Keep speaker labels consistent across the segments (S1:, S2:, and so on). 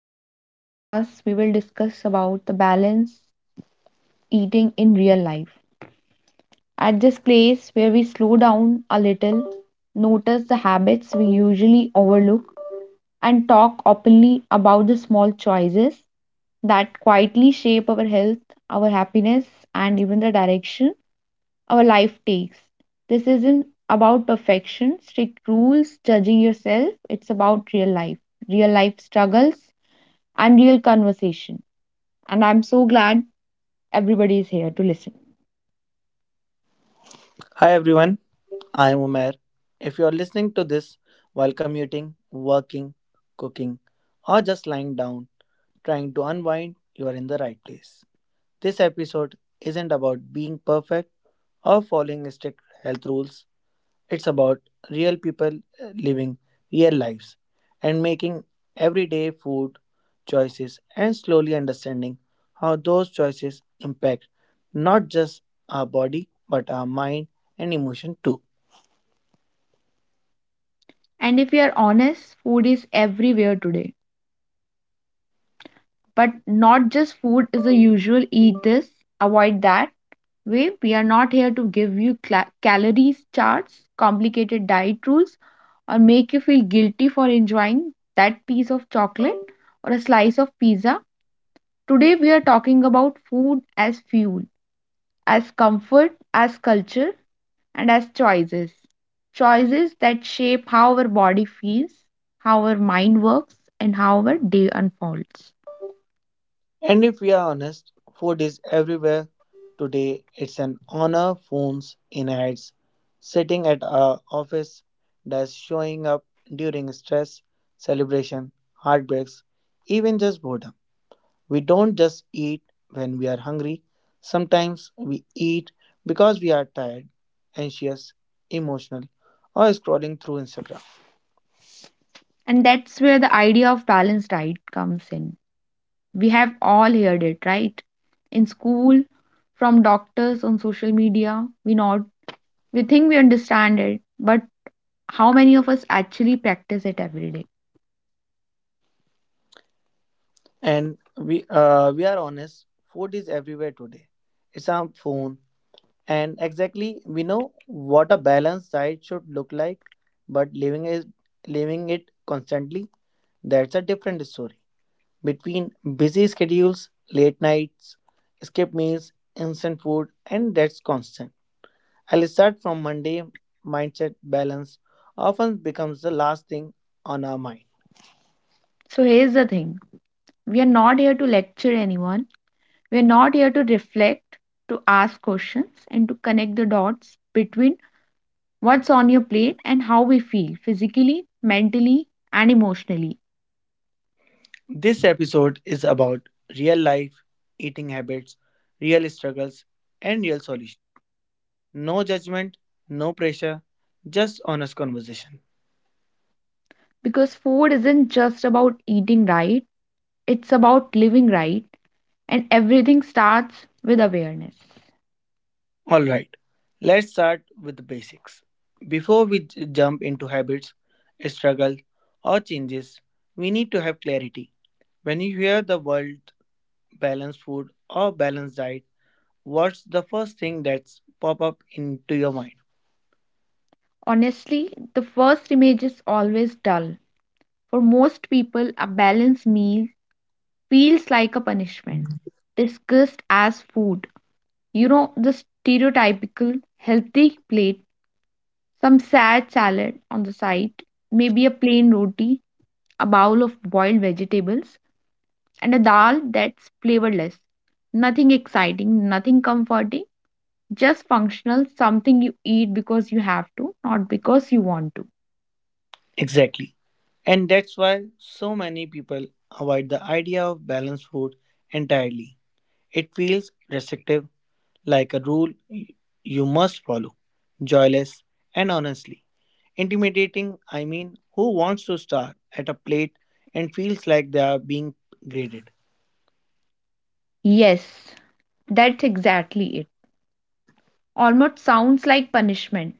S1: today's podcast, we will discuss about the balance eating in real life. At this place where we slow down a little, notice the habits we usually overlook, and talk openly about the small choices that quietly shape our health, our happiness, and even the direction our life takes. This isn't about perfection, strict rules, judging yourself. It's about real life struggles, and real conversation. And I'm so glad everybody is here to listen.
S2: Hi everyone, I am Umair. If you are listening to this while commuting, working, cooking, or just lying down trying to unwind, you are in the right place. This episode isn't about being perfect or following strict health rules, it's about real people living real lives and making everyday food choices and slowly understanding how those choices impact not just our body but our mind and emotion too.
S1: And if we are honest, food is everywhere today. But not just food is the usual eat this, avoid that way. We are not here to give you calories charts, complicated diet rules, or make you feel guilty for enjoying that piece of chocolate or a slice of pizza. Today, we are talking about food as fuel, as comfort, as culture, and as choices. Choices that shape how our body feels, how our mind works, and how our day unfolds.
S2: And if we are honest, food is everywhere today. It's an honor, phones, in ads, sitting at our office desk, showing up during stress, celebration, heartbreaks, even just boredom. We don't just eat when we are hungry. Sometimes we eat because we are tired, anxious, emotional, or scrolling through Instagram.
S1: And that's where the idea of balanced diet comes in. We have all heard it, right? In school, from doctors, on social media, we not we think we understand it, but how many of us actually practice it every day?
S2: And we are honest, food is everywhere today. It's our phone. And exactly, we know what a balanced diet should look like, but living it constantly, that's a different story. Between busy schedules, late nights, skip meals, instant food, and that's constant. I'll start from Monday. Mindset balance often becomes the last thing on our mind.
S1: So here's the thing. We are not here to lecture anyone. We're not here to reflect, to ask questions, and to connect the dots between what's on your plate and how we feel physically, mentally, and emotionally.
S2: This episode is about real life, eating habits, real struggles, and real solutions. No judgment, no pressure, just honest conversation.
S1: Because food isn't just about eating right, it's about living right, and everything starts with awareness.
S2: All right, let's start with the basics. Before we jump into habits, struggle, or changes, we need to have clarity. When you hear the word balanced food or balanced diet, what's the first thing that's pop up into your mind?
S1: Honestly, the first image is always dull. For most people, a balanced meal feels like a punishment, discussed as food. You know, the stereotypical healthy plate, some sad salad on the side, maybe a plain roti, a bowl of boiled vegetables, and a dal that's flavorless. Nothing exciting, nothing comforting, just functional, something you eat because you have to, not because you want to.
S2: Exactly. And that's why so many people avoid the idea of balanced food entirely. It feels restrictive like a rule you must follow. Joyless and honestly intimidating, I mean, who wants to star at a plate and feels like they are being graded?
S1: Yes, that's exactly it. Almost sounds like punishment,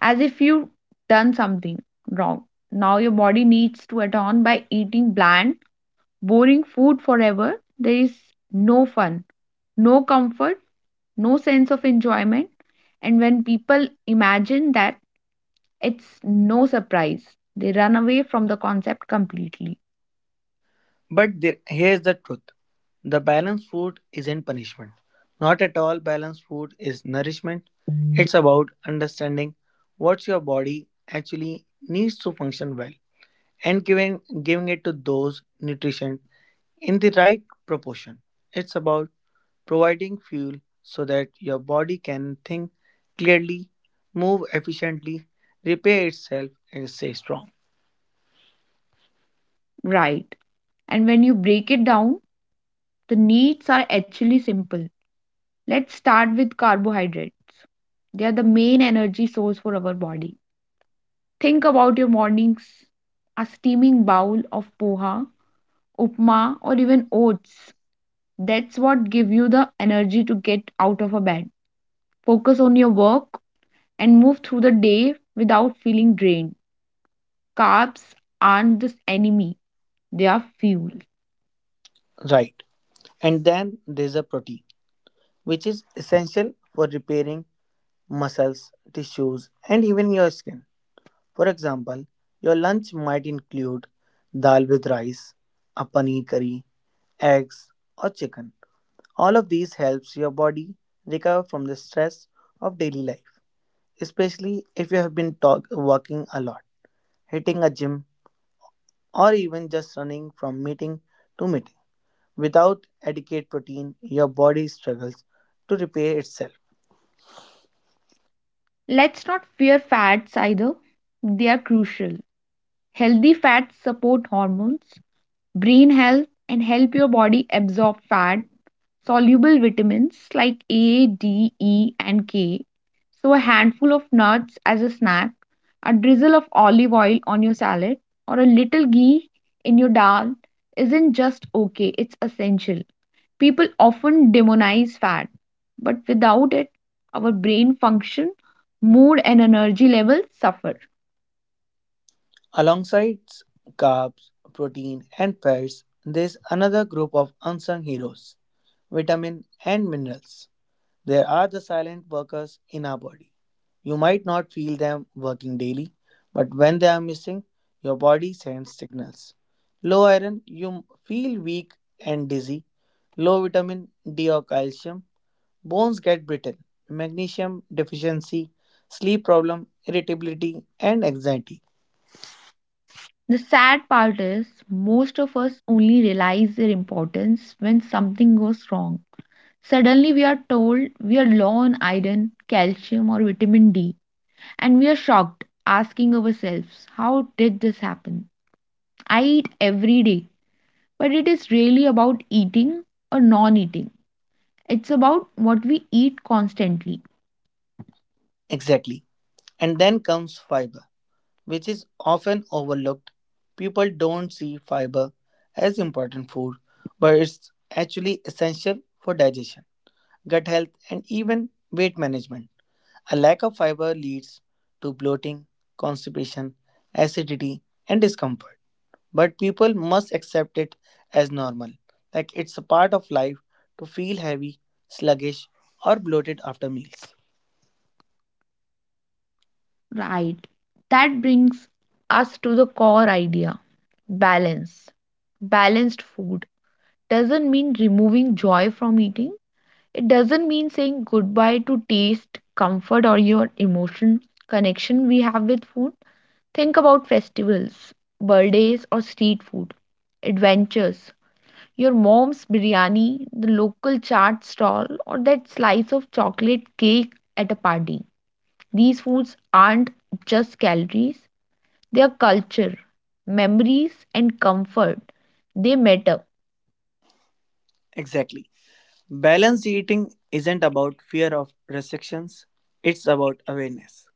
S1: as if you've done something wrong. Now your body needs to atone by eating bland, boring food forever. There is no fun, no comfort, no sense of enjoyment. And when people imagine that, it's no surprise. They run away from the concept completely.
S2: But here's the truth, the balanced food isn't punishment. Not at all, balanced food is nourishment. It's about understanding what your body actually needs to function well and giving it to those nutrition in the right proportion. It's about providing fuel so that your body can think clearly, move efficiently, repair itself, and stay strong.
S1: Right. And when you break it down, the needs are actually simple. Let's start with carbohydrates. They are the main energy source for our body. Think about your mornings, a steaming bowl of poha, upma, or even oats. That's what give you the energy to get out of a bed. Focus on your work and move through the day without feeling drained. Carbs aren't the enemy, they are fuel.
S2: Right. And then there's a protein, which is essential for repairing muscles, tissues, and even your skin. For example, your lunch might include dal with rice, a paneer curry, eggs, or chicken. All of these helps your body recover from the stress of daily life, especially if you have been working a lot, hitting a gym, or even just running from meeting to meeting. Without adequate protein, your body struggles to repair itself.
S1: Let's not fear fats either, they are crucial. Healthy fats support hormones, brain health, and help your body absorb fat, soluble vitamins like A, D, E, and K. So, a handful of nuts as a snack, a drizzle of olive oil on your salad, or a little ghee in your dal isn't just okay, it's essential. People often demonize fat, but without it, our brain function, mood, and energy levels suffer.
S2: Alongside carbs, protein, and fats, there is another group of unsung heroes: vitamin and minerals. There are the silent workers in our body. You might not feel them working daily, but when they are missing, your body sends signals. Low iron, you feel weak and dizzy. Low vitamin D or calcium, bones get brittle. Magnesium deficiency, sleep problem, irritability, and anxiety.
S1: The sad part is, most of us only realize their importance when something goes wrong. Suddenly, we are told we are low on iron, calcium, or vitamin D, and we are shocked, asking ourselves, how did this happen? I eat every day, but it is really about eating or non eating. It's about what we eat constantly.
S2: Exactly. And then comes fiber, which is often overlooked. People don't see fiber as important food, but it's actually essential for digestion, gut health, and even weight management. A lack of fiber leads to bloating, constipation, acidity, and discomfort. But people must accept it as normal, like it's a part of life to feel heavy, sluggish, or bloated after meals.
S1: Right. That brings us to the core idea, balance. Balanced food doesn't mean removing joy from eating, it doesn't mean saying goodbye to taste, comfort, or your emotion connection we have with food. Think about festivals, birthdays, or street food, adventures. Your mom's biryani, the local chaat stall, or that slice of chocolate cake at a party. These foods aren't just calories, their culture, memories, and comfort. They matter.
S2: Exactly. Balanced eating isn't about fear of restrictions, it's about awareness.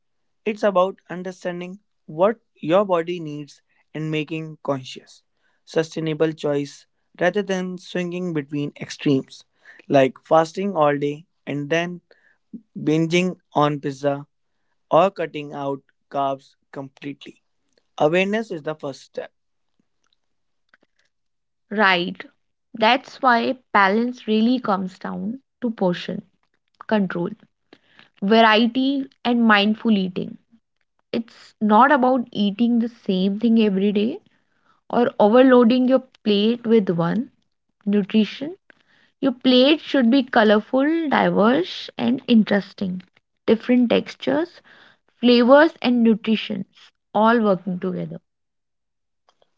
S2: It's about understanding what your body needs and making conscious, sustainable choice rather than swinging between extremes like fasting all day and then binging on pizza or cutting out carbs completely. Awareness is the first step.
S1: Right. That's why balance really comes down to portion control, variety, and mindful eating. It's not about eating the same thing every day or overloading your plate with one nutrition. Your plate should be colorful, diverse, and interesting. Different textures, flavors, and nutritions all working together.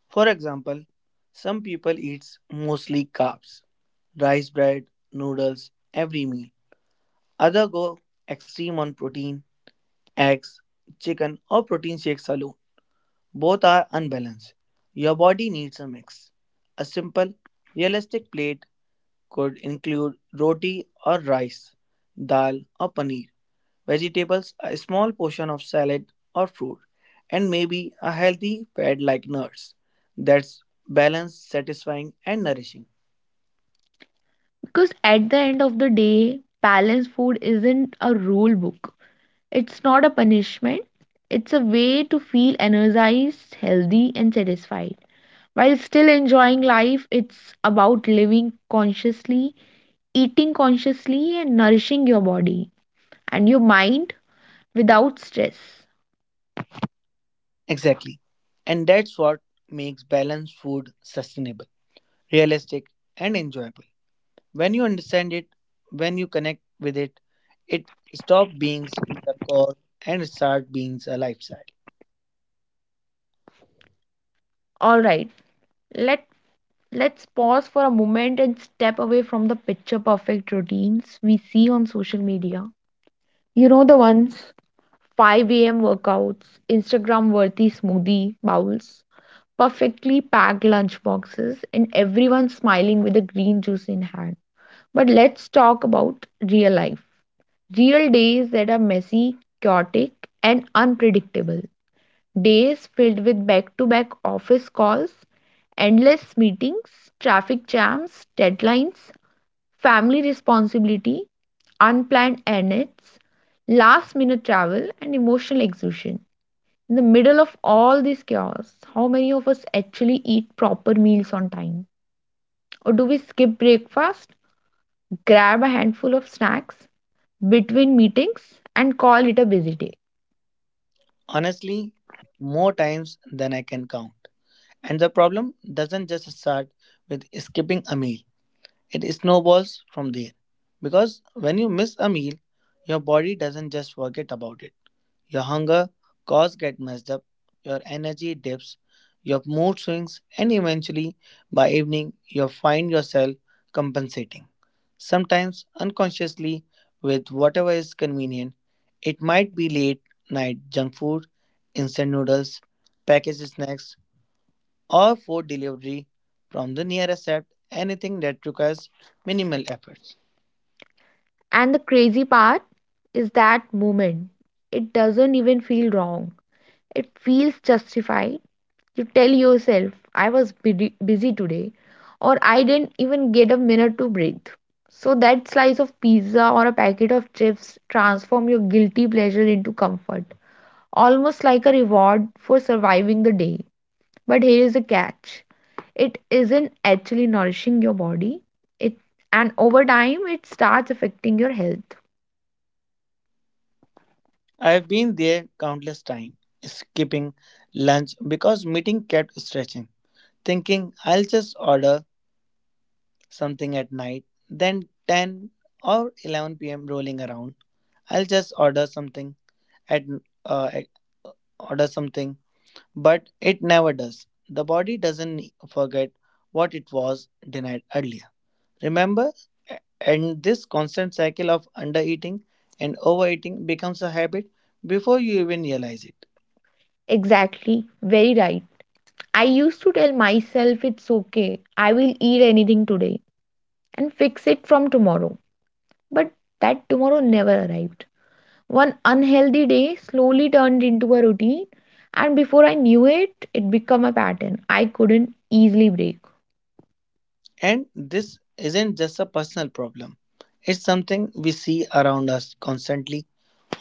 S2: For example, some people eat mostly carbs, rice bread, noodles every meal. Others go extreme on protein, eggs, chicken or protein shakes alone. Both are unbalanced. Your body needs a mix. A simple, realistic plate could include roti or rice, dal or paneer vegetables, a small portion of salad or fruit, and maybe a healthy fad like nuts. That's balanced, satisfying, and nourishing.
S1: Because at the end of the day, balanced food isn't a rule book. It's not a punishment. It's a way to feel energized, healthy, and satisfied. While still enjoying life, it's about living consciously, eating consciously, and nourishing your body and your mind without stress.
S2: Exactly. And that's what makes balanced food sustainable, realistic, and enjoyable. When you understand it, when you connect with it, it stops being a cause and start being a lifestyle.
S1: Alright, let let's pause for a moment and step away from the picture perfect routines we see on social media. You know the ones, 5 a.m. workouts, Instagram worthy smoothie bowls, perfectly packed lunch boxes, and everyone smiling with a green juice in hand. But let's talk about real life. Real days that are messy, chaotic, and unpredictable. Days filled with back to back office calls, endless meetings, traffic jams, deadlines, family responsibility, unplanned errands, last minute travel, and emotional exhaustion. In the middle of all this chaos, how many of us actually eat proper meals on time? Or do we skip breakfast, grab a handful of snacks between meetings, and call it a busy day?
S2: Honestly, more times than I can count. And the problem doesn't just start with skipping a meal. It snowballs from there because when you miss a meal, your body doesn't just forget about it. Your hunger cause get messed up, your energy dips, your mood swings, and eventually by evening you find yourself compensating. Sometimes unconsciously with whatever is convenient. It might be late night junk food, instant noodles, packaged snacks, or food delivery from the nearest app, anything that requires minimal efforts.
S1: And the crazy part is that moment. It doesn't even feel wrong, it feels justified. You tell yourself, I was busy today, or I didn't even get a minute to breathe. So that slice of pizza or a packet of chips transform your guilty pleasure into comfort, almost like a reward for surviving the day. But here is a catch, it isn't actually nourishing your body, it, and over time, it starts affecting your health.
S2: I have been there countless times, skipping lunch because meeting kept stretching, thinking I'll just order something at night, then 10 or 11 p.m. rolling around, I'll just order something at uh, at- uh, order something, but it never does. The body doesn't forget what it was denied earlier. Remember, and this constant cycle of undereating and overeating becomes a habit before you even realize it.
S1: Exactly, very right. I used to tell myself it's okay, I will eat anything today and fix it from tomorrow. But that tomorrow never arrived. One unhealthy day slowly turned into a routine, and before I knew it, it became a pattern I couldn't easily break.
S2: And this isn't just a personal problem, it's something we see around us constantly.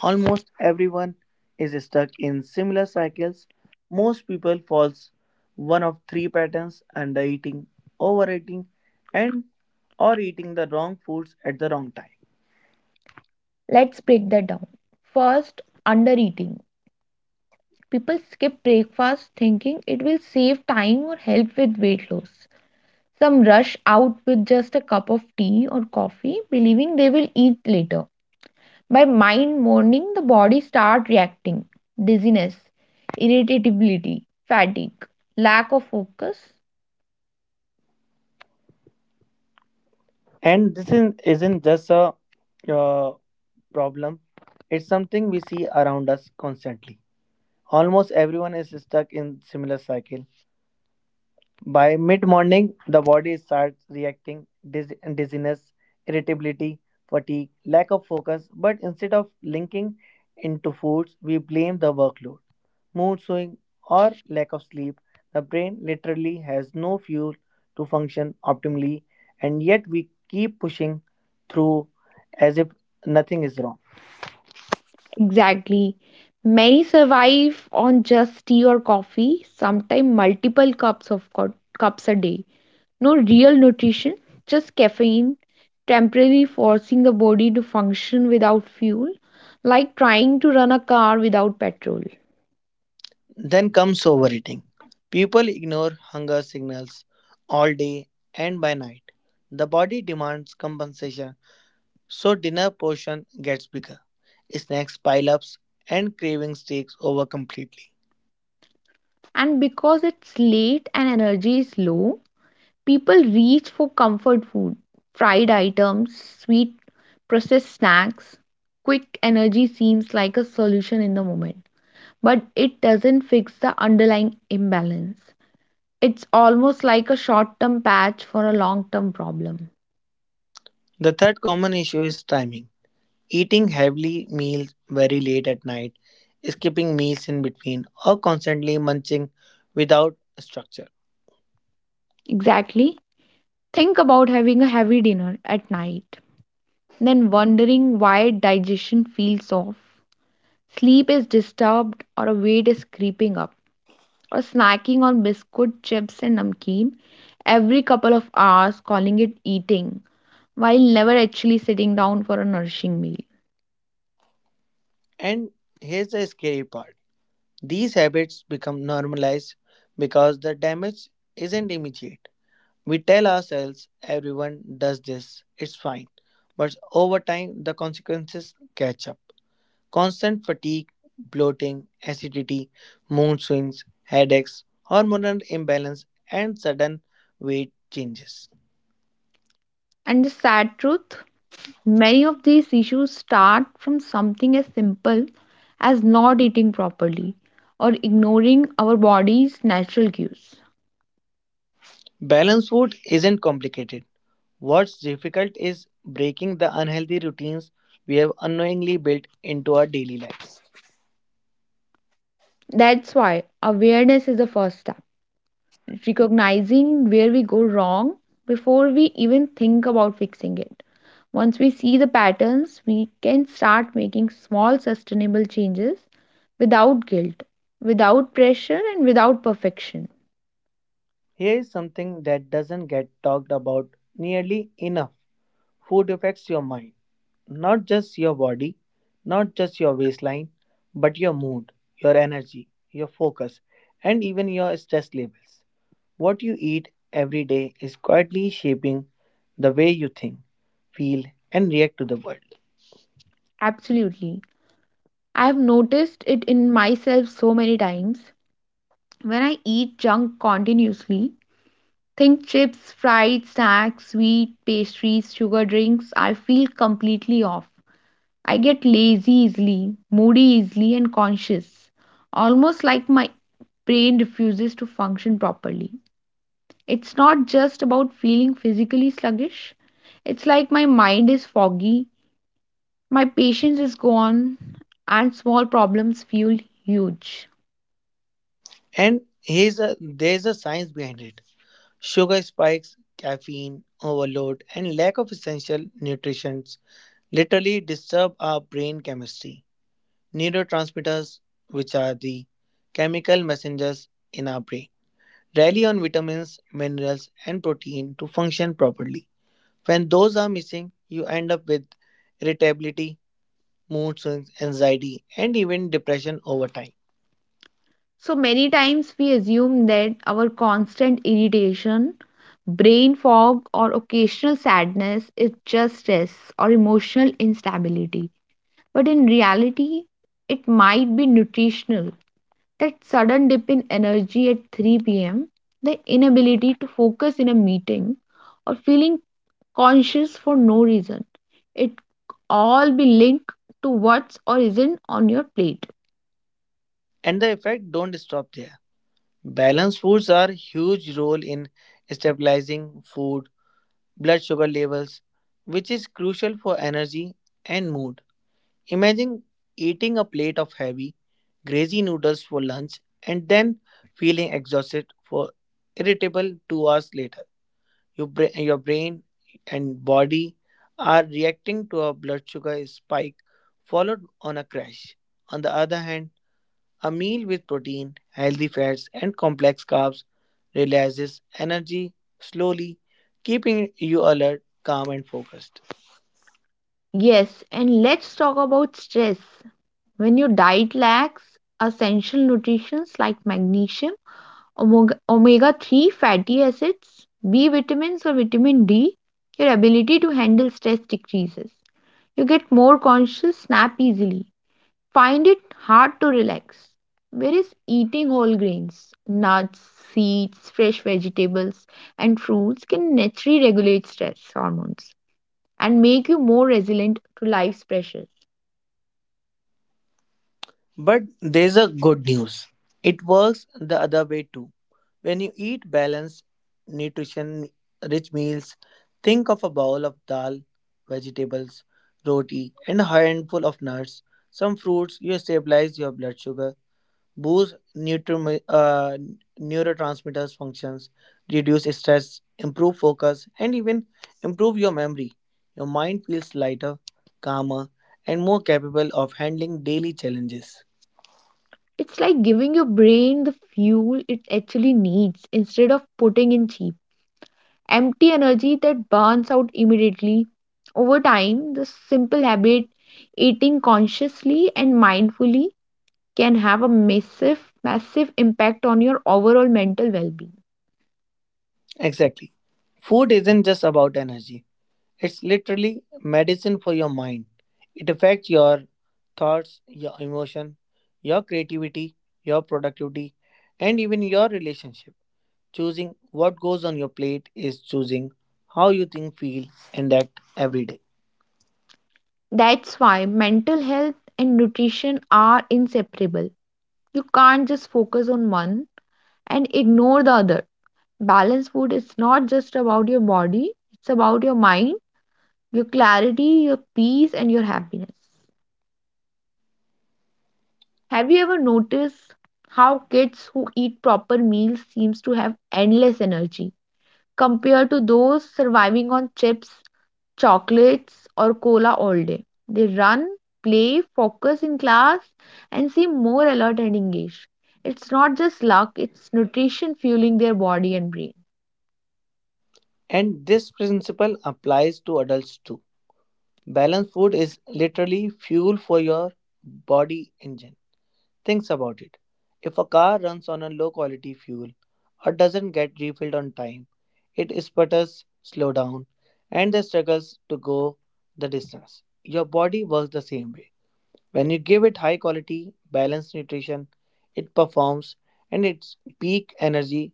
S2: Almost everyone is stuck in similar cycles. Most people falls one of three patterns undereating, overeating, and or eating the wrong foods at the wrong time.
S1: Let's break that down. First, undereating. People skip breakfast thinking it will save time or help with weight loss. Some rush out with just a cup of tea or coffee, believing they will eat later. By mind morning, the body start reacting. Dizziness, irritability, fatigue, lack of focus.
S2: And this isn't just a uh, problem, it's something we see around us constantly. Almost everyone is stuck in similar cycle. By mid morning the body starts reacting: dizziness, irritability, fatigue, lack of focus, but instead of linking into foods we blame the workload, mood swing, or lack of sleep. The brain literally has no fuel to function optimally, and yet we keep pushing through as if nothing is wrong.
S1: Exactly. Many survive on just tea or coffee, sometimes multiple cups a day. No real nutrition, just caffeine, temporarily forcing the body to function without fuel, like trying to run a car without petrol.
S2: Then comes overeating. People ignore hunger signals all day and by night. The body demands compensation, so dinner portion gets bigger. Snacks pile ups and cravings takes over completely.
S1: And because it's late and energy is low, people reach for comfort food, fried items, sweet, processed snacks. Quick energy seems like a solution in the moment, but it doesn't fix the underlying imbalance. It's almost like a short term patch for a long term problem.
S2: The third common issue is timing. Eating heavily meals very late at night, skipping meals in between, or constantly munching without structure.
S1: Exactly. Think about having a heavy dinner at night, then wondering why digestion feels off, sleep is disturbed, or a weight is creeping up, or snacking on biscuit, chips, and namkeen every couple of hours, calling it eating, while never actually sitting down for a nourishing meal.
S2: And here's the scary part. These habits become normalized because the damage isn't immediate. We tell ourselves everyone does this, it's fine. But over time, the consequences catch up. Constant fatigue, bloating, acidity, mood swings, headaches, hormonal imbalance, and sudden weight changes.
S1: And the sad truth, many of these issues start from something as simple as not eating properly or ignoring our body's natural cues.
S2: Balanced food isn't complicated. What's difficult is breaking the unhealthy routines we have unknowingly built into our daily lives.
S1: That's why awareness is the first step, recognizing where we go wrong before we even think about fixing it. Once we see the patterns, we can start making small sustainable changes without guilt, without pressure, and without perfection.
S2: Here is something that doesn't get talked about nearly enough. Food affects your mind, not just your body, not just your waistline, but your mood, your energy, your focus, and even your stress levels. What you eat every day is quietly shaping the way you think, feel, and react to the world.
S1: Absolutely. I have noticed it in myself so many times. When I eat junk continuously, think chips, fried snacks, sweet pastries, sugar drinks, I feel completely off. I get lazy easily, moody easily, and conscious, almost like my brain refuses to function properly. It's not just about feeling physically sluggish, it's like my mind is foggy, my patience is gone, and small problems feel huge.
S2: And there's a science behind it. Sugar spikes, caffeine overload, and lack of essential nutrition literally disturb our brain chemistry. Neurotransmitters, which are the chemical messengers in our brain, rely on vitamins, minerals, and protein to function properly. When those are missing, you end up with irritability, mood swings, anxiety, and even depression over time.
S1: So many times we assume that our constant irritation, brain fog, or occasional sadness is just stress or emotional instability. But in reality, it might be nutritional. That sudden dip in energy at 3 p.m., the inability to focus in a meeting, or feeling conscious for no reason. It all be linked to what's or isn't on your plate.
S2: And the effect don't stop there. Balanced foods are huge role in stabilizing food blood sugar levels, which is crucial for energy and mood. Imagine eating a plate of heavy, greasy noodles for lunch and then feeling exhausted for irritable 2 hours later. Your brain and body are reacting to a blood sugar spike followed on a crash. On the other hand, a meal with protein, healthy fats, and complex carbs releases energy slowly, keeping you alert, calm, and focused.
S1: Yes, and let's talk about stress. When your diet lacks essential nutrients like magnesium, omega-3 fatty acids, B vitamins, or vitamin D, your ability to handle stress decreases. You get more conscious, snap easily, find it hard to relax. Whereas eating whole grains, nuts, seeds, fresh vegetables, and fruits can naturally regulate stress hormones and make you more resilient to life's pressures.
S2: But there's a good news. It works the other way too. When you eat balanced, nutrition rich meals, think of a bowl of dal, vegetables, roti, and a handful of nuts. Some fruits you stabilize your blood sugar, boost neurotransmitters functions, reduce stress, improve focus, and even improve your memory. Your mind feels lighter, calmer, and more capable of handling daily challenges.
S1: It's like giving your brain the fuel it actually needs instead of putting in cheap empty energy that burns out immediately. Over time, this simple habit, eating consciously and mindfully, can have a massive impact on your overall mental well being.
S2: Exactly. Food isn't just about energy, it's literally medicine for your mind. It affects your thoughts, your emotion, your creativity, your productivity, and even your relationship. Choosing what goes on your plate is choosing how you think, feel, and act every day.
S1: That's why mental health and nutrition are inseparable. You can't just focus on one and ignore the other. Balanced food is not just about your body, it's about your mind, your clarity, your peace, and your happiness. Have you ever noticed how kids who eat proper meals seems to have endless energy compared to those surviving on chips, chocolates or cola all day? They run, play, focus in class and seem more alert and engaged. It's not just luck, it's nutrition fueling their body and brain.
S2: And this principle applies to adults too. Balanced food is literally fuel for your body engine. Think about it. If a car runs on a low quality fuel or doesn't get refilled on time, it sputters, slow down, and then struggles to go the distance. Your body works the same way. When you give it high quality, balanced nutrition, it performs and its peak energy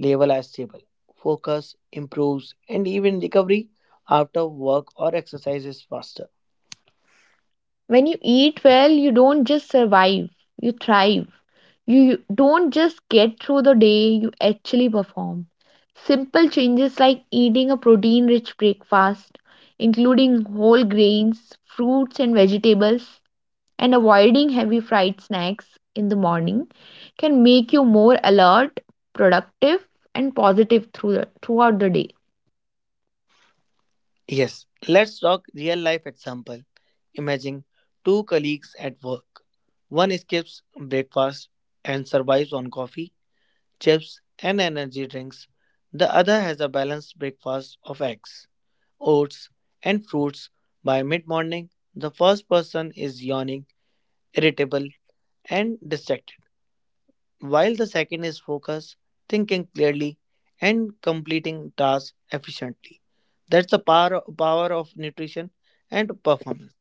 S2: level is stable. Focus improves and even recovery after work or exercise is faster.
S1: When you eat well, you don't just survive, you thrive. You don't just get through the day, you actually perform. Simple changes like eating a protein rich breakfast, including whole grains, fruits, and vegetables, and avoiding heavy fried snacks in the morning can make you more alert, productive, and positive throughout the day.
S2: Yes, let's talk real life example. Imagine two colleagues at work. One skips breakfast and survives on coffee, chips, and energy drinks. The other has a balanced breakfast of eggs, oats, and fruits. By mid morning, the first person is yawning, irritable, and distracted while the second is focus, thinking clearly, and completing tasks efficiently. That's the power of nutrition and performance.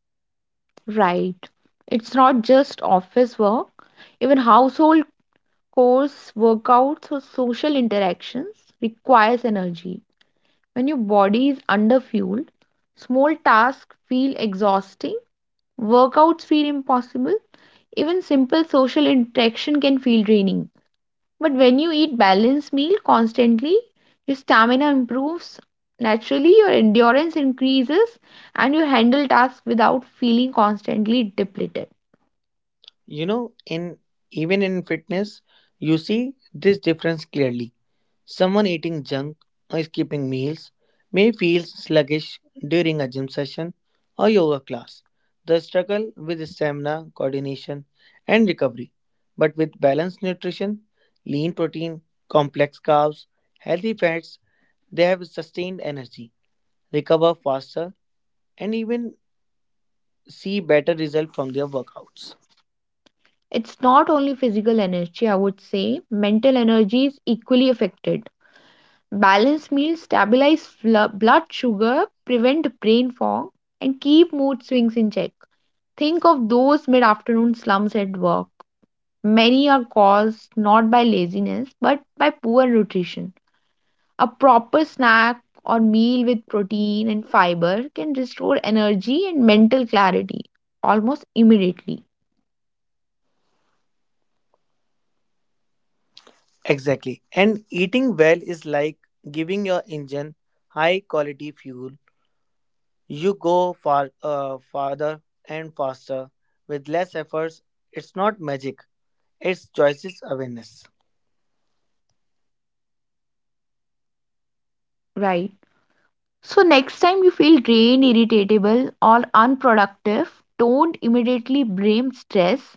S1: Right. It's not just office work, even household course, workouts, or social interactions requires energy. When your body is underfueled, small tasks feel exhausting, workouts feel impossible, even simple social interaction can feel draining. But when you eat balanced meal constantly, your stamina improves naturally, your endurance increases, and you handle tasks without feeling constantly depleted.
S2: You know, in even in fitness, you see this difference clearly. Someone eating junk or skipping meals may feel sluggish during a gym session or yoga class. The struggle with stamina, coordination, and recovery. But with balanced nutrition, lean protein, complex carbs, healthy fats, they have sustained energy, recover faster, and even see better results from their workouts.
S1: It's not only physical energy, I would say, mental energy is equally affected. Balanced meals stabilize blood sugar, prevent brain fog, and keep mood swings in check. Think of those mid afternoon slumps at work. Many are caused not by laziness but by poor nutrition. A proper snack or meal with protein and fiber can restore energy and mental clarity almost immediately,
S2: Exactly. And eating well is like giving your engine high quality fuel. You go farther and faster with less efforts. It's not magic, it's choices awareness.
S1: right? So, next time you feel drained, irritable, or unproductive, don't immediately blame stress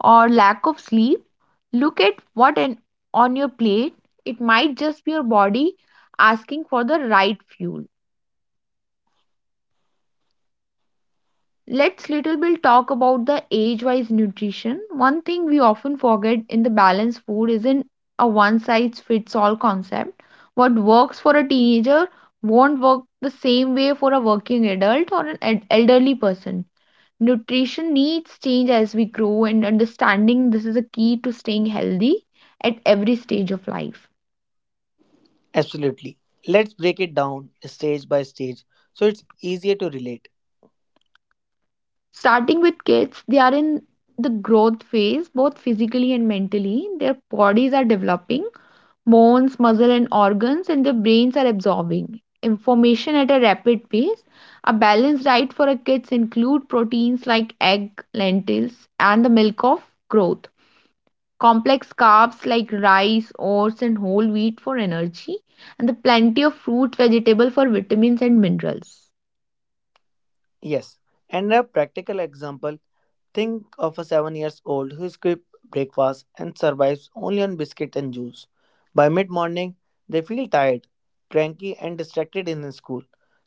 S1: or lack of sleep, look at on your plate. It might just be your body asking for the right fuel. Let's little bit talk about the age-wise nutrition. One thing we often forget in the balanced food isn't a one-size-fits-all concept. What works for a teenager won't work the same way for a working adult or an elderly person. Nutrition needs change as we grow, and understanding this is a key to staying healthy at every stage of life.
S2: Absolutely. Let's break it down stage by stage so it's easier to relate.
S1: Starting with kids, they are in the growth phase, both physically and mentally. Their bodies are developing, bones, muscle, and organs, and their brains are absorbing information at a rapid pace. A balanced diet for a kids include proteins like egg, lentils, and the milk of growth, complex carbs like rice, oats, and whole wheat for energy, and the plenty of fruit, vegetable for vitamins and minerals.
S2: Yes. And a practical example, think of a 7 years old who skips breakfast and survives only on biscuit and juice. By mid morning, they feel tired, cranky, and distracted in the school.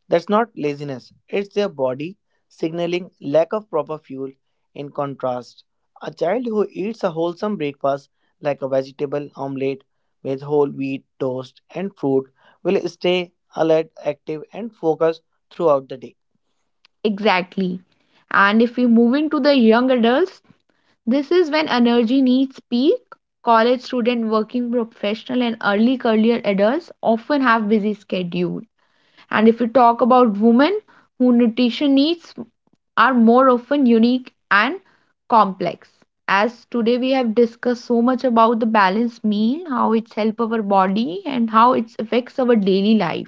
S2: That's not laziness, it's their body signaling lack of proper fuel. In contrast, a child who eats a wholesome breakfast like a vegetable omelette with whole wheat, toast, and fruit will stay alert, active, and focused throughout the day.
S1: Exactly. And if we move into the young adults, this is when energy needs peak. College student, working professional, and early career adults often have busy schedule. And if we talk about women, who nutrition needs are more often unique and complex. As today we have discussed so much about the balanced meal, how it's help our body and how it affects our daily life.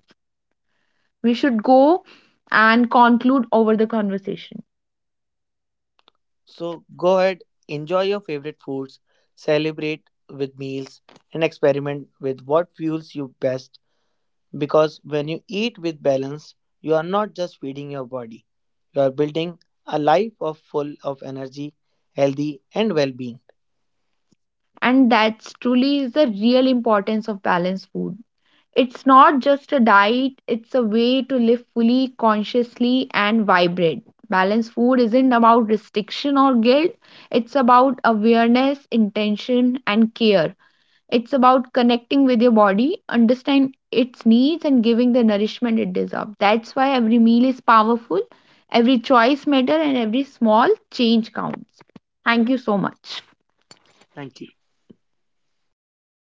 S1: We should go and conclude over the conversation.
S2: So go ahead, enjoy your favorite foods, celebrate with meals, and experiment with what fuels you best because when you eat with balance, you are not just feeding your body, you are building a life of full of energy, healthy, and well being.
S1: And that's truly is the real importance of balanced food. It's not just a diet, it's a way to live fully, consciously and vibrant. Balanced food isn't about restriction or guilt. It's about awareness, intention, and care. It's about connecting with your body, understand its needs, and giving the nourishment it deserves. That's why every meal is powerful, every choice matters, and every small change counts. Thank you so much.
S2: Thank you.